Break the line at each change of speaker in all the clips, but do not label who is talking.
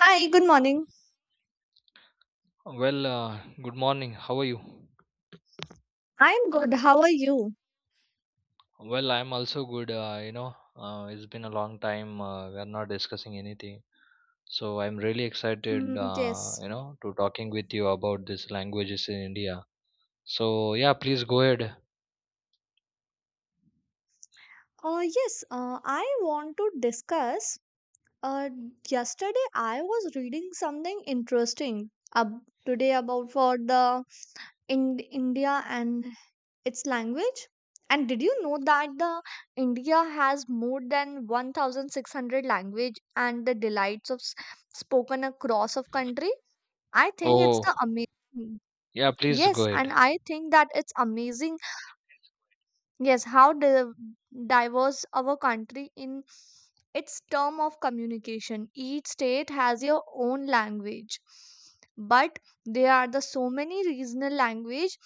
Hi, good morning.
Good morning. How are you?
I'm good. How are you?
I'm also good. It's been a long time. We are not discussing anything, so I'm really excited,
Hmm, yes.
To talking with you about these languages in India. So yeah, please go ahead.
Yes, I want to discuss. Uh, Yesterday I was reading something interesting up today about for the in India and its language. And did you know that the India has more than 1,600 language and the delights of spoken across of country? I think it's
Oh,
the amazing.
yeah, please go
Yes,
ahead.
and I think that it's amazing. Yes, diverse our country in its term of communication. Each state has your own language, but there are the so many regional language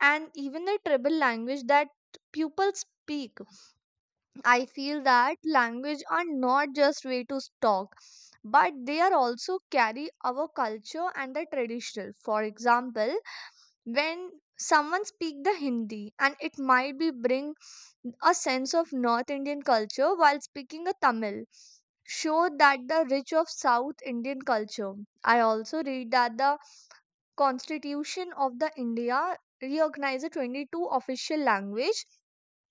and even the tribal language that people speak. I feel that language are not just way to talk, but they are also carry our culture and the traditional. For example, when someone speak the Hindi and it might be bring a sense of North Indian culture while speaking a Tamil. Showed that the rich of South Indian culture. I also read that the Constitution of the India recognizes 22 official language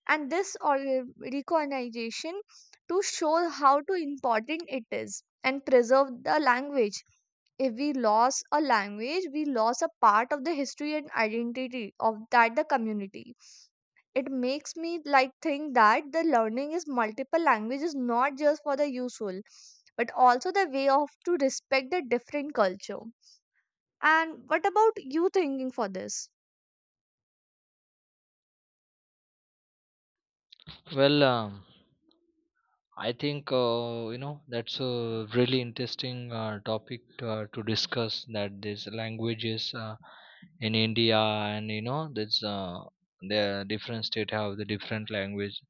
and recognition to show how to important it is and preserve the language. If we lose a language, we lose a part of the history and identity of that the community. It makes me like think that the learning is multiple languages not just for the useful but also the way of to respect the different culture. And what about you thinking for this?
Well, um, I think that's a really interesting topic to discuss. That these languages. In India, and you know that's the different state have the different language.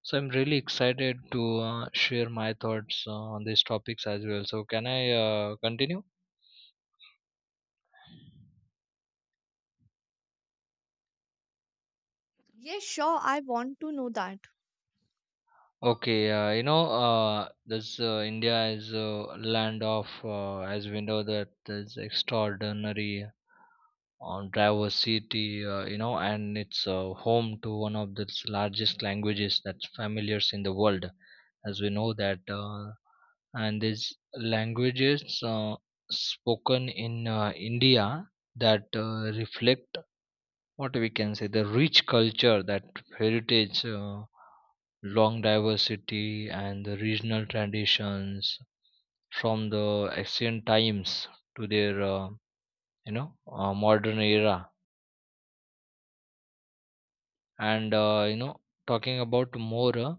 So I'm really excited to share my thoughts on these topics as well. So can I continue?
Yes, sure, I want to know that.
Okay, you know, this India is a land of, as we know, that is extraordinary diversity, and it's home to one of the largest languages that's familiars in the world, as we know and these languages spoken in India that reflect, what we can say, the rich culture, that heritage. Long diversity and the regional traditions from the ancient times to their modern era. And talking about more, uh,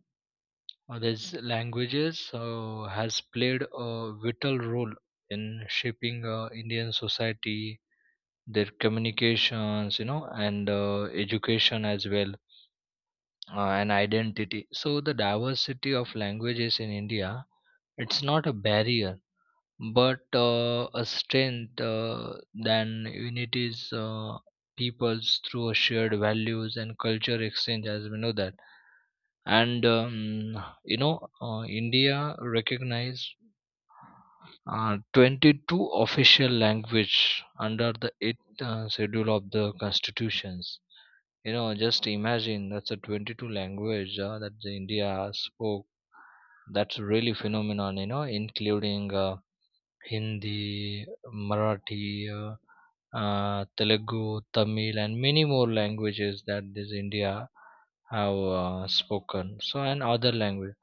uh, these languages has played a vital role in shaping indian society, their communications, you know and education as well, and identity. So the diversity of languages in india, it's not a barrier but a strength than unities peoples through a shared values and culture exchange, as we know that. And you know India recognize 22 official language under the 8th schedule of the constitutions. You know, just imagine, that's a 22 language that the india spoke. That's really phenomenon, including Hindi, Marathi, Telugu, Tamil, and many more languages that this India have spoken. So, and other language.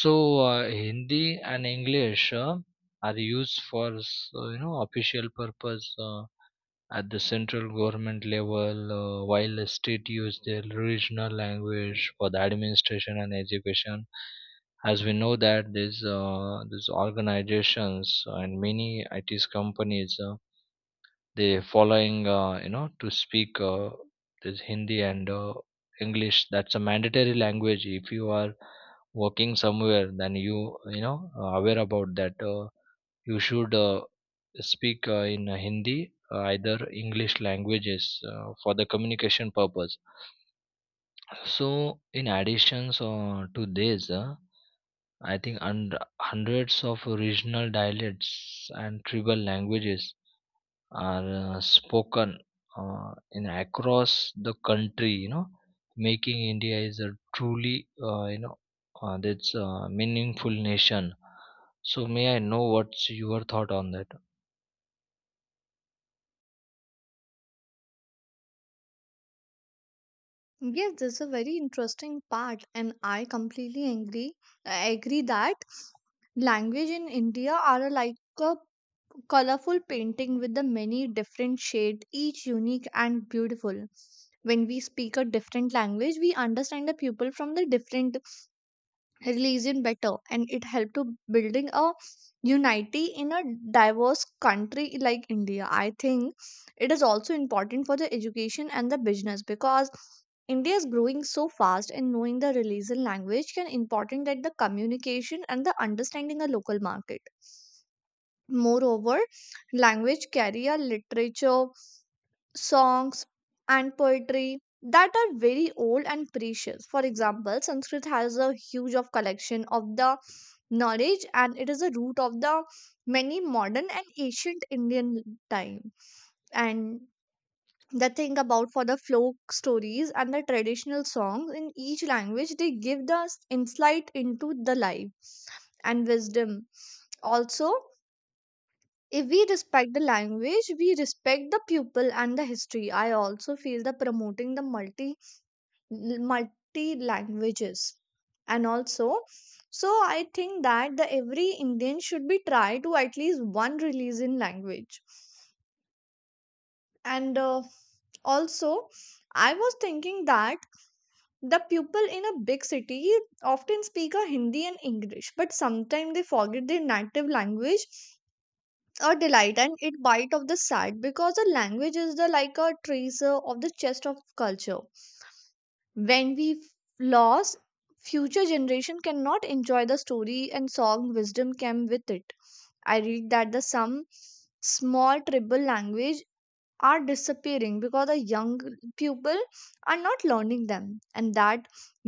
So, Hindi and English are used for official purpose at the central government level, while the state use their regional language for the administration and education. As we know that these organizations and many IT's companies they following to speak this Hindi and English. That's a mandatory language. If you are working somewhere, then you know aware about that. You should speak in Hindi, either English languages for the communication purpose. So, in addition to this, I think hundreds of regional dialects and tribal languages are spoken in across the country. You know, making India is a truly that's a meaningful nation. So, may I know what's your thought on that?
Yes, this is a very interesting part, and I completely agree. I agree that language in India are a, like a colorful painting with the many different shades, each unique and beautiful. When we speak a different language, we understand the people from the different religion better and it helped to building a unity in a diverse country like India. I think it is also important for the education and the business because India is growing so fast and knowing the religion language can important that the communication and the understanding a local market. Moreover, language carry a literature, songs, and poetry that are very old and precious. For example, Sanskrit has a huge of collection of the knowledge and it is a root of the many modern and ancient Indian time. And the thing about for the folk stories and the traditional songs in each language, they give us insight into the life and wisdom. Also, if we respect the language, we respect the people and the history. I also feel the promoting the multi languages and also, so I think that the every Indian should be try to at least one release in language. And also I was thinking that the people in a big city often speak a Hindi and English, but sometimes they forget their native language. A delight and it bite of the sad because the language is the like a treasure of the chest of culture. when we f- Lost future generation cannot enjoy the story and song wisdom came with it. I read that the some small tribal language are disappearing because the young people are not learning them, and that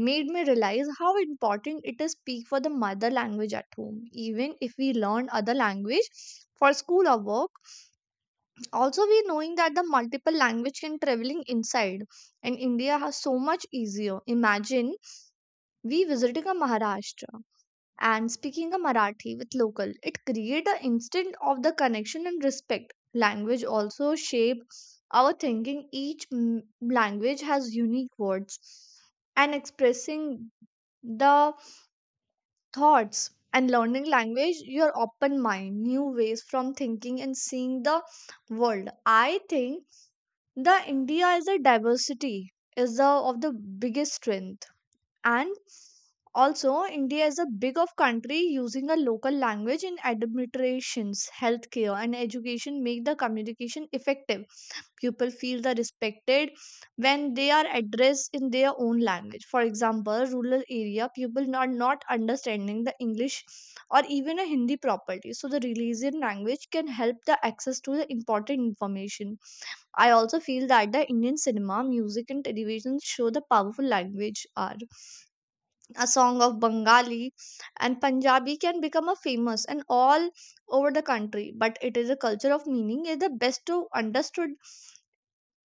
made me realize how important it is speak for the mother language at home even if we learn other language for school or work. Also, we knowing that the multiple language can traveling inside and India has so much easier. Imagine we visiting a Maharashtra and speaking a Marathi with local, it create an instant of the connection and respect. Language also shape our thinking. Language has unique words and expressing the thoughts, and learning language your open mind new ways from thinking and seeing the world. I think the India is a diversity is the of the biggest strength. And also India is a big of country, using a local language in administrations, healthcare, and education make the communication effective. People feel the respected when they are addressed in their own language. For example, rural area people are not understanding the English or even a Hindi properly, so the religion language can help the access to the important information. I also feel that the Indian cinema, music, and television show the powerful language are. A song of Bengali and Punjabi can become a famous and all over the country, but it is a culture of meaning is the best to understood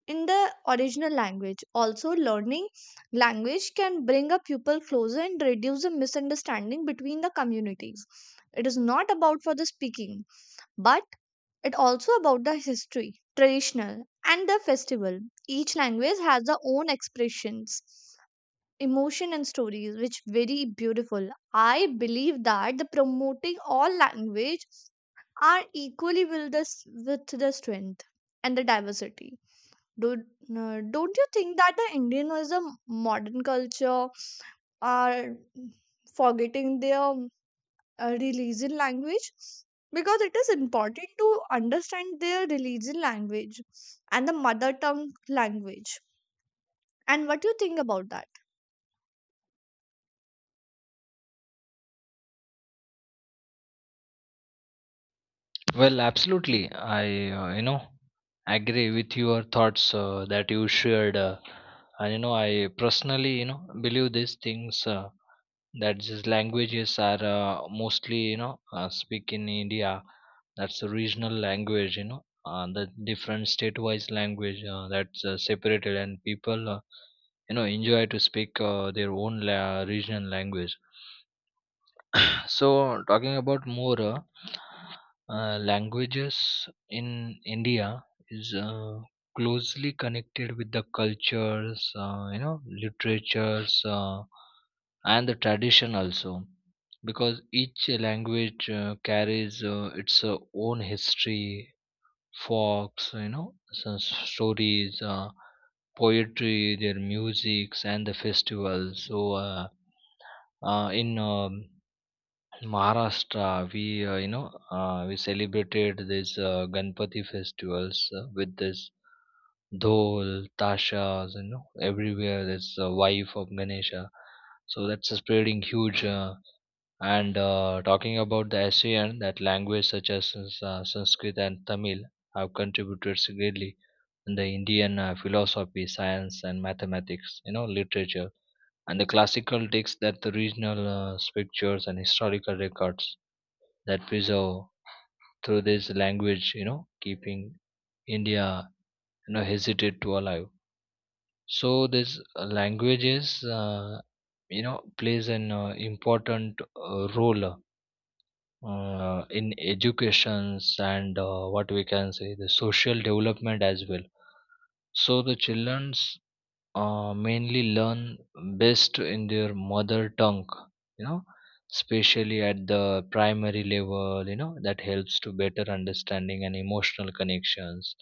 in the original language. Also, learning language can bring a pupil closer and reduce the misunderstanding between the communities. It is not about for the speaking, but it also about the history, traditional, and the festival. Each language has their own expressions, emotion, and stories, which very beautiful. I believe that the promoting all language are equally with with the strength and the diversity. Don't you think that the Indian is a modern culture are forgetting their religion language, because it is important to understand their religion language and the mother tongue language. And what do you think about that?
Absolutely. I agree with your thoughts that you shared. I personally, believe these things that these languages are mostly speak in India. That's a regional language, the different state-wise language that's separated and people, enjoy to speak their own regional language. So, talking about more, languages in India is closely connected with the cultures, literatures, and the tradition also, because each language carries its own history, folks, some stories, poetry, their musics, and the festivals. Uh, in um, in Maharashtra, we you know we celebrated this Ganpati festivals with this dhol, tashas, everywhere. This wife of Ganesha, so that's spreading huge. And Talking about the ASEAN, that language such as Sanskrit and Tamil have contributed greatly in the Indian philosophy, science, and mathematics. You know, literature and the classical texts, that the regional scriptures and historical records that preserve through this language, you know, keeping India, you know, hesitate to alive. So this languages, plays an important role in educations and, what we can say, the social development as well. So the childrens mainly learn best in their mother tongue, you know, especially at the primary level. You know, that helps to better understanding and emotional connections.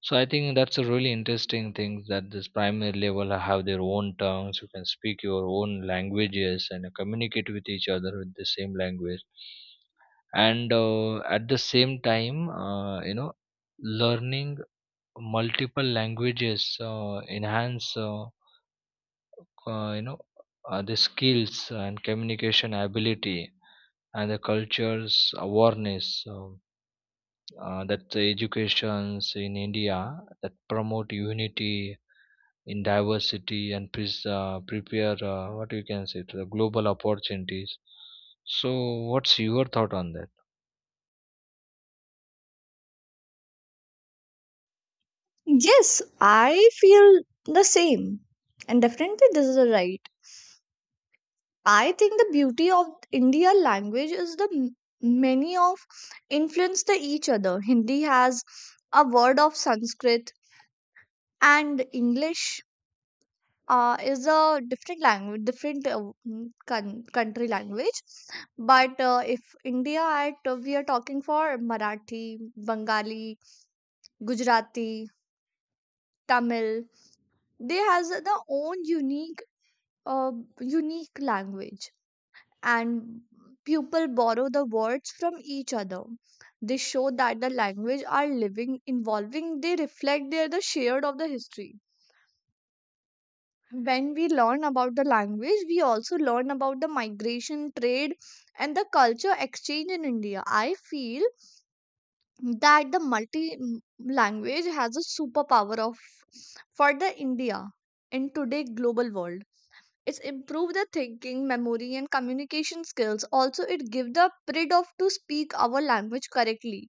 So I think that's a really interesting thing, that this primary level have their own tongues. You can speak your own languages and communicate with each other with the same language. And at the same time, learning multiple languages enhance, uh, you know the skills and communication ability and the cultures awareness. um, that the educations in india that promote unity in diversity and pres prepare, what you can say, to the global opportunities. So what's your thought on that?
Yes, I feel the same. And definitely, this is right. I think the beauty of India language is the m- many of influence the each other. Hindi has a word of Sanskrit and English is a different language, country language. But if India, at, we are talking for Marathi, Bengali, Gujarati, Tamil. They has the own uh, unique language, and people borrow the words from each other. They show that the language are living, involving. They reflect their the shared of the history. When we learn about the language, we also learn about the migration trade and the culture exchange in India. I feel that language has a superpower of for the India in today global world. It's improve the thinking, memory, and communication skills. Also, it gives the pride of to speak our language correctly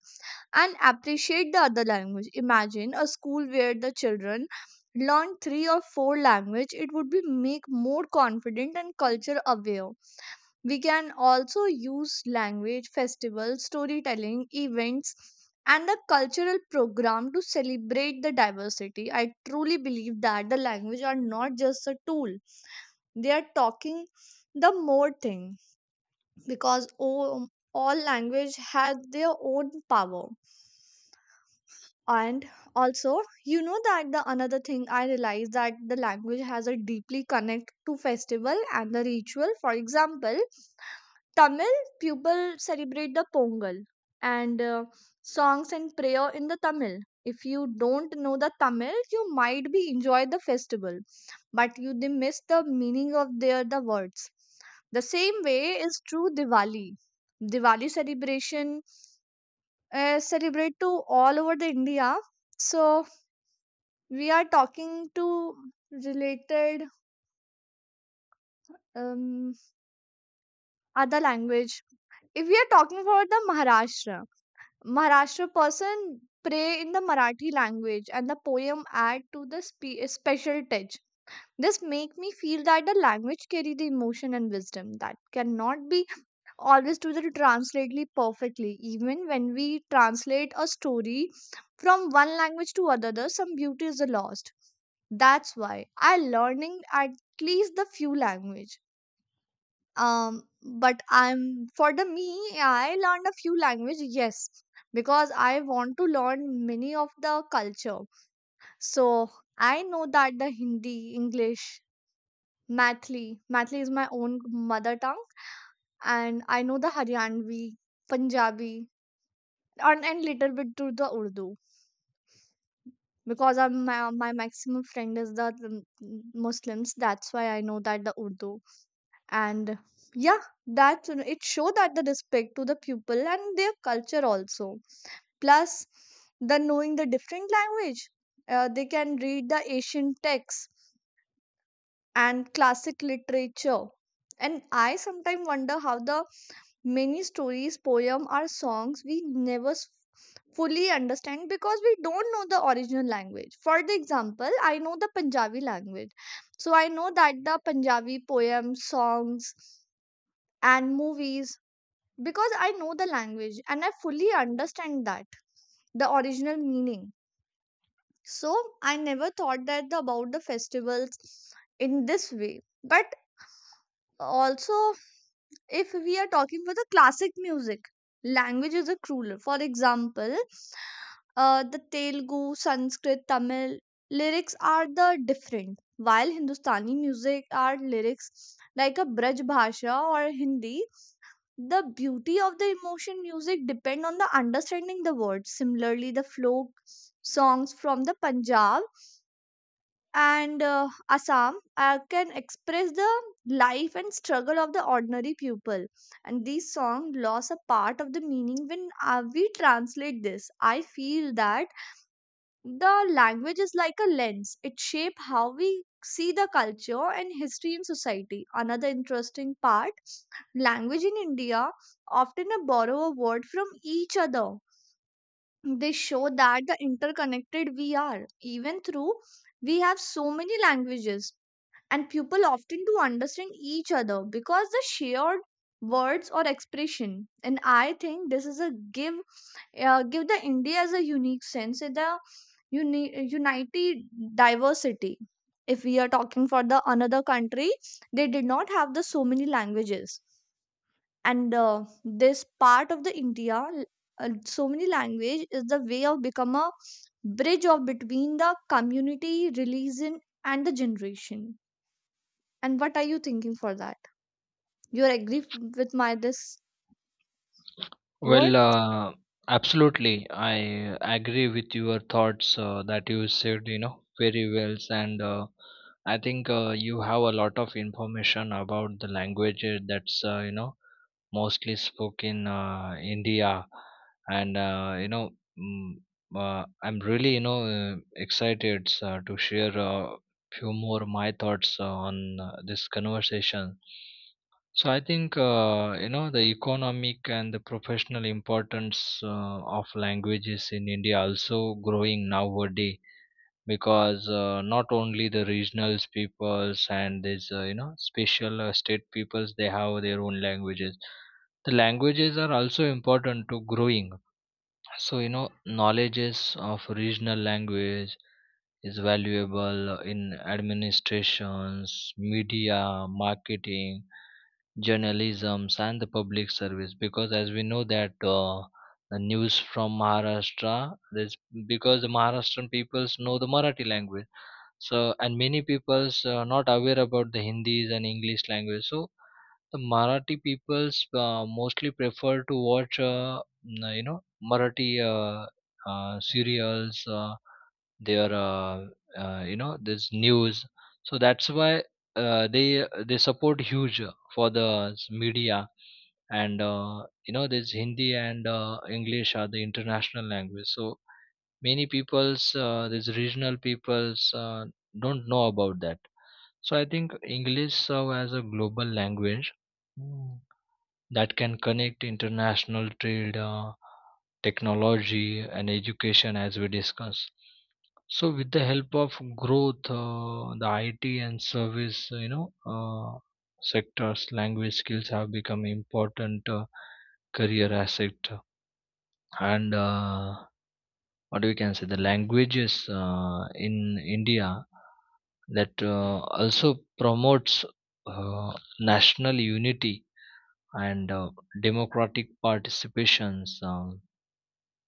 and appreciate the other language. Imagine a school where the children learn three or four language, it would be make more confident and culture aware. We can also use language festivals, storytelling events, and the cultural program to celebrate the diversity. I truly believe that the language are not just a tool, they are talking the more thing, because all language has their own power. And also, you know that the another thing I realized that the language has a deeply connect to festival and the ritual. For example, Tamil people celebrate the Pongal, and songs and prayer in the Tamil. If you don't know the Tamil, you might be enjoy the festival, but you they miss the meaning of their the words. The same way is true. Diwali celebration, celebrate to all over the India. So we are talking to related um, other language. If we are talking about the Maharashtra person pray in the Marathi language, and the poem add to the special touch. This make me feel that the language carry the emotion and wisdom that cannot be always do that translately perfectly. Even when we translate a story from one language to another, some beauty is lost. That's why I learning at least the few language. um but I'm for the me I learned a few language, yes, because I want to learn many of the culture. So I know that the Hindi, English. Mathli is my own mother tongue, and I know the Haryanvi, Punjabi, and little bit to the Urdu, because my maximum friend is the Muslims. That's why I know that the Urdu. And yeah, that it show that the respect to the people and their culture also. Plus, the knowing the different language, they can read the ancient texts and classic literature. And I sometimes wonder how the many stories, poems, or songs we never fully understand because we don't know the original language. For the example, I know the Punjabi language. So I know that the Punjabi poems, songs, and movies, because I know the language and I fully understand that the original meaning. So I never thought that about the festivals in this way. But also if we are talking for the classic music, language is a cruel. For example, the Telugu, Sanskrit, Tamil lyrics are the different. While Hindustani music are lyrics like a Braj Bhasha or Hindi, the beauty of the emotion music depend on the understanding the words. Similarly, the folk songs from the Punjab and Assam can express the life and struggle of the ordinary people. And these songs lost a part of the meaning when we translate this. I feel that the language is like a lens, it shapes how we see the culture and history in society. Another interesting part language in India often borrow a word from each other. They show that the interconnected we are, even through we have so many languages, and people often do understand each other because the shared words or expression. And I think this is a give, give the india as a unique sense in the unity, diversity. If we are talking for the another country, they did not have the so many languages. And This part of the india, uh, so many language is the way of become a bridge of between the community, religion, and the generation. And what are you thinking for that? You agree with my this
Well,
word?
uh, Absolutely. I agree with your thoughts that you said, you know, very well. And I think you have a lot of information about the languages that's, mostly spoken India. And, you know, mm, I'm really, excited to share a few more my thoughts on this conversation. So I think the economic and the professional importance of languages in India also growing nowadays, because not only the regional peoples and these special state peoples, they have their own languages. The languages are also important to growing. So, you know, knowledges of regional language is valuable in administrations, media, marketing, journalisms, and the public service, because as we know that the news from Maharashtra, that's because the Maharashtrian peoples know the Marathi language. So and many peoples are not aware about the Hindis and English language. So the Marathi peoples mostly prefer to watch, Marathi, serials, their you know this news. So that's why, they support huge for the media. And you know This hindi and english are the international language. So many peoples, these regional peoples, don't know about that. So I think english serve as a global language, mm, that can connect international trade, technology, and education, as we discuss. So with the help of growth, the IT and service, sectors, language skills have become important career asset. And What we can say, the languages in India, that also promotes uh, national unity and democratic participations.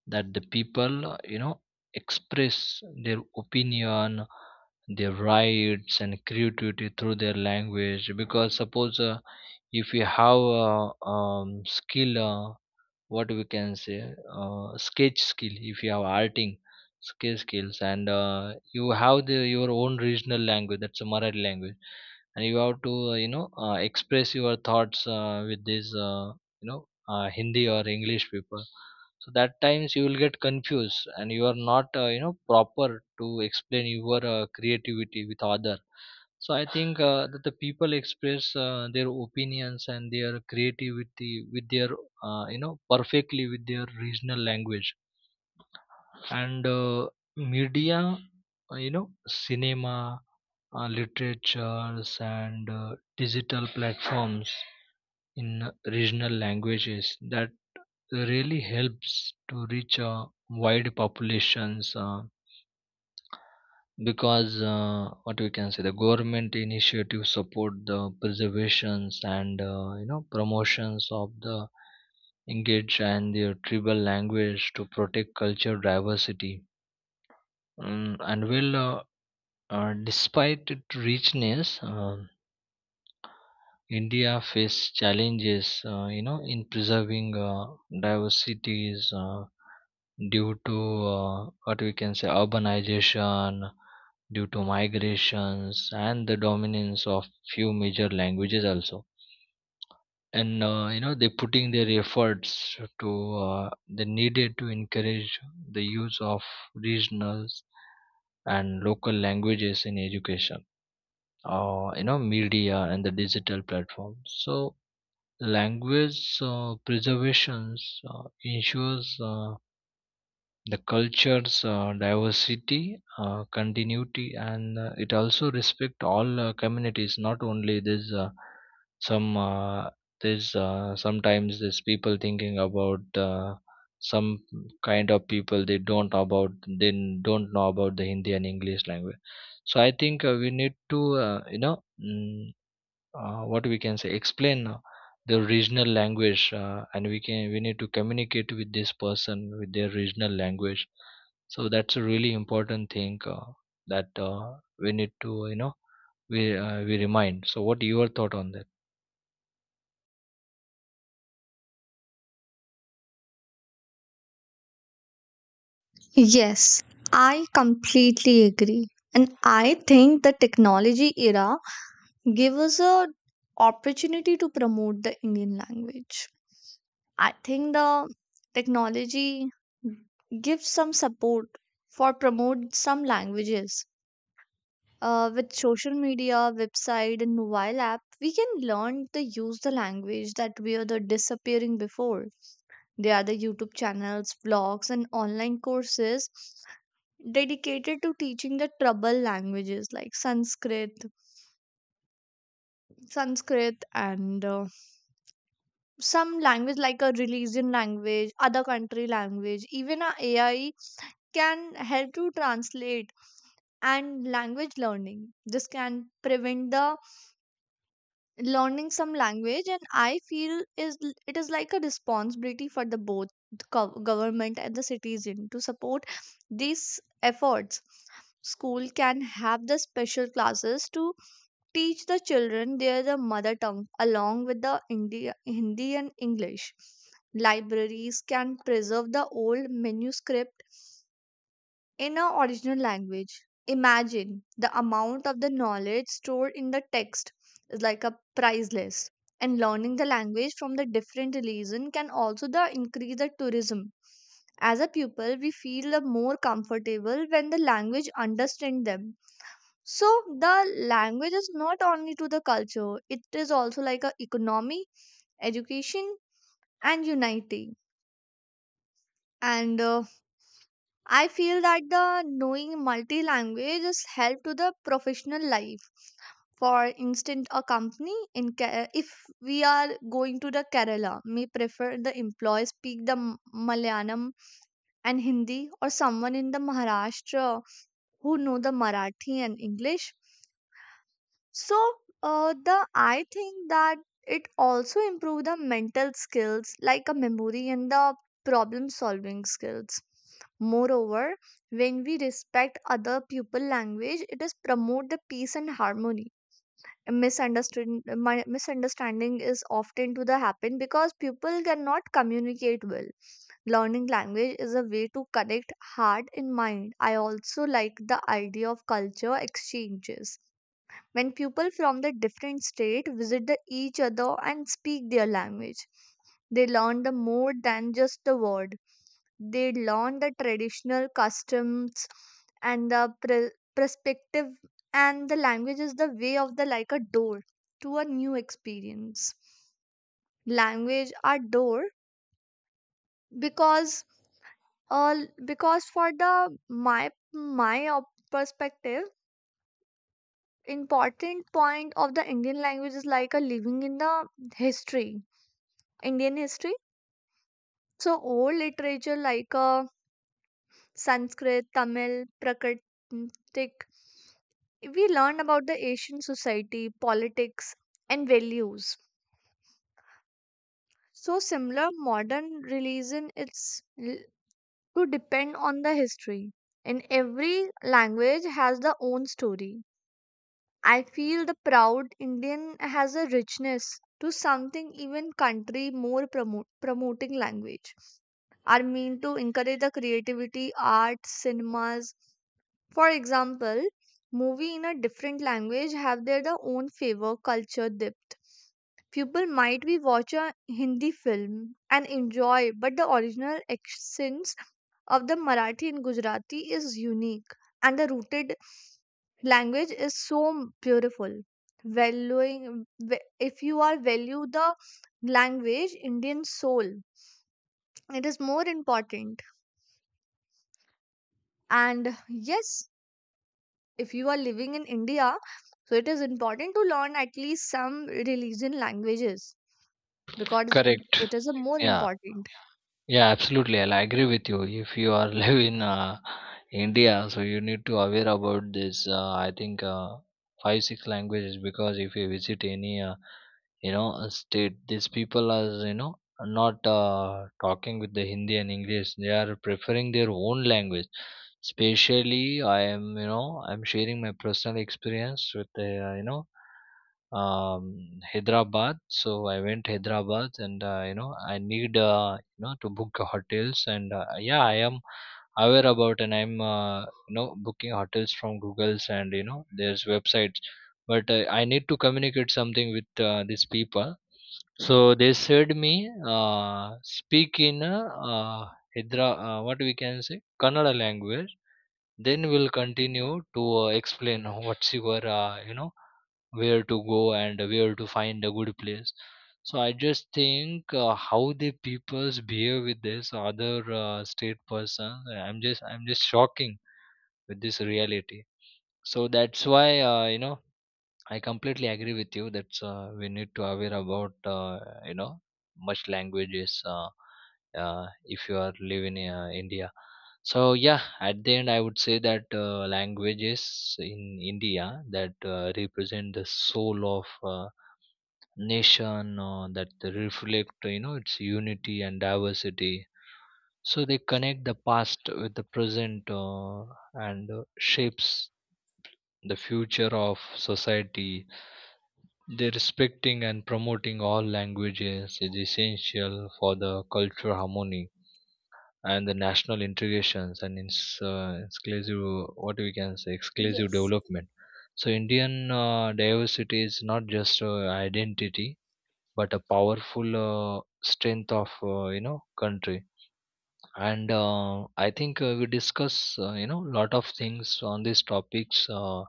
That the people, you know, express their opinion, their rights, and creativity through their language, because suppose if you have a skill, what we can say, sketch skill. If you have arting sketch skills, and you have the your own regional language, that's a Marathi language, and you have to express your thoughts with this you know Hindi or English people. So that times you will get confused and you are not, proper to explain your creativity with other. So I think that the people express their opinions and their creativity with their, perfectly with their regional language. And Media, cinema, literatures, and digital platforms in regional languages, that really helps to reach wide populations. Because What we can say, the government initiatives support the preservations and, promotions of the engage and their tribal language to protect culture diversity. Mm, and well Despite its richness, india faces challenges, in preserving diversities, due to, what we can say, urbanization, due to migrations and the dominance of few major languages also. And, they're putting their efforts to, they needed to encourage the use of regionals and local languages in education, or, you know, media and the digital platforms. So language preservations ensures the culture's diversity, continuity, and it also respect all communities. Not only this, some uh, sometimes this people thinking about, some kind of people, they don't know about the Hindi and English language. So I think we need to, uh, you know. mm, what we can say, explain the regional language, and we need to communicate with this person with their regional language. So that's a really important thing, that we need to, you know, we remind. So what your thought on that?
Yes, I completely agree. And I think the technology era gave us a opportunity to promote the Indian language. I think the technology gives some support for promote some languages. With social media, website, and mobile app, we can learn to use the language that we are the disappearing before. There are the YouTube channels, blogs, and online courses dedicated to teaching the trouble languages like Sanskrit, Sanskrit, and some language like a religion language, other country language. Even a AI can help to translate and language learning. This can prevent the learning some language. And I feel it is like a responsibility for the both the government and the citizen to support these efforts. School can have the special classes to teach the children their the mother tongue along with the India, hindi and english. Libraries can preserve the old manuscript in our original language. Imagine the amount of the knowledge stored in the text is like a priceless. And learning the language from the different religion can also the increase the tourism. As a pupil, we feel the more comfortable when the language understand them. So the language is not only to the culture; it is also like a economy, education, and unity. And I feel that the knowing multi languages help to the professional life. For instance, a company in if we are going to the Kerala may prefer the employees speak the Malayalam and Hindi, or someone in the Maharashtra who know the Marathi and English. So the I think that it also improve the mental skills like a memory and the problem solving skills. Moreover, when we respect other people language, it is promote the peace and harmony. Misunderstanding Misunderstanding is often to the happen because people cannot communicate well. Learning language is a way to connect heart and mind. I also like the idea of culture exchanges. When people from the different state visit the each other and speak their language, they learn the more than just the word. They learn the traditional customs and the perspective. And the language is the way of the like a door to a new experience. Language are door because, uh, because for the my perspective, important point of the Indian language is like a living in the history, Indian history. So old literature like Sanskrit, Tamil, Prakritic, we learn about the Asian society, politics, and values. So similar modern religion to depend on the history. And every language has the own story. I feel the proud Indian has a richness to something even country more promoting language are meant to encourage the creativity, art, cinemas. For example, movie in a different language have their the own favor, culture, depth. People might be watch a Hindi film and enjoy, but the original accents of the Marathi and Gujarati is unique, and the rooted language is so beautiful. Valuing, if you are value the language, Indian soul, it is more important. And yes, if you are living in India, so it is important to learn at least some religion languages because
Correct.
it is a more
Yeah.
important.
Yeah, absolutely. I'll agree with you. If you are live in India, so you need to aware about this. I think 5 6 languages, because if you visit any a state, these people are, you know, are not talking with the Hindi and English. They are preferring their own language. Especially, I am you know I'm sharing my personal experience with Hyderabad. So I went Hyderabad, and I need to book hotels, and yeah, I am aware about, and I'm booking hotels from Google's, and you know there's websites, but I need to communicate something with these people. So they said me, speak in, Hydra, what we can say, Kannada language. Then we'll continue to explain what's your where to go and where to find a good place. So I just think how the peoples behave with this other state person. I'm just shocking with this reality. So that's why, I completely agree with you that we need to aware about, much languages, if you are living in India. So yeah, at the end I would say that languages in India that represent the soul of uh, nation, that reflect, you know, its unity and diversity. So they connect the past with the present, and shapes the future of society. The respecting and promoting all languages is essential for the cultural harmony and the national integrations, and exclusive, what we can say, exclusive
Yes.
development. So Indian diversity is not just identity, but a powerful strength of, country. And I think we discuss, lot of things on these topics,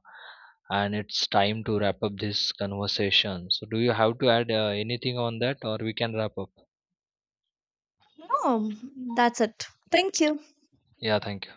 and it's time to wrap up this conversation. So do you have to add anything on that, or we can wrap up?
No, that's it. Thank you.
Yeah, thank you.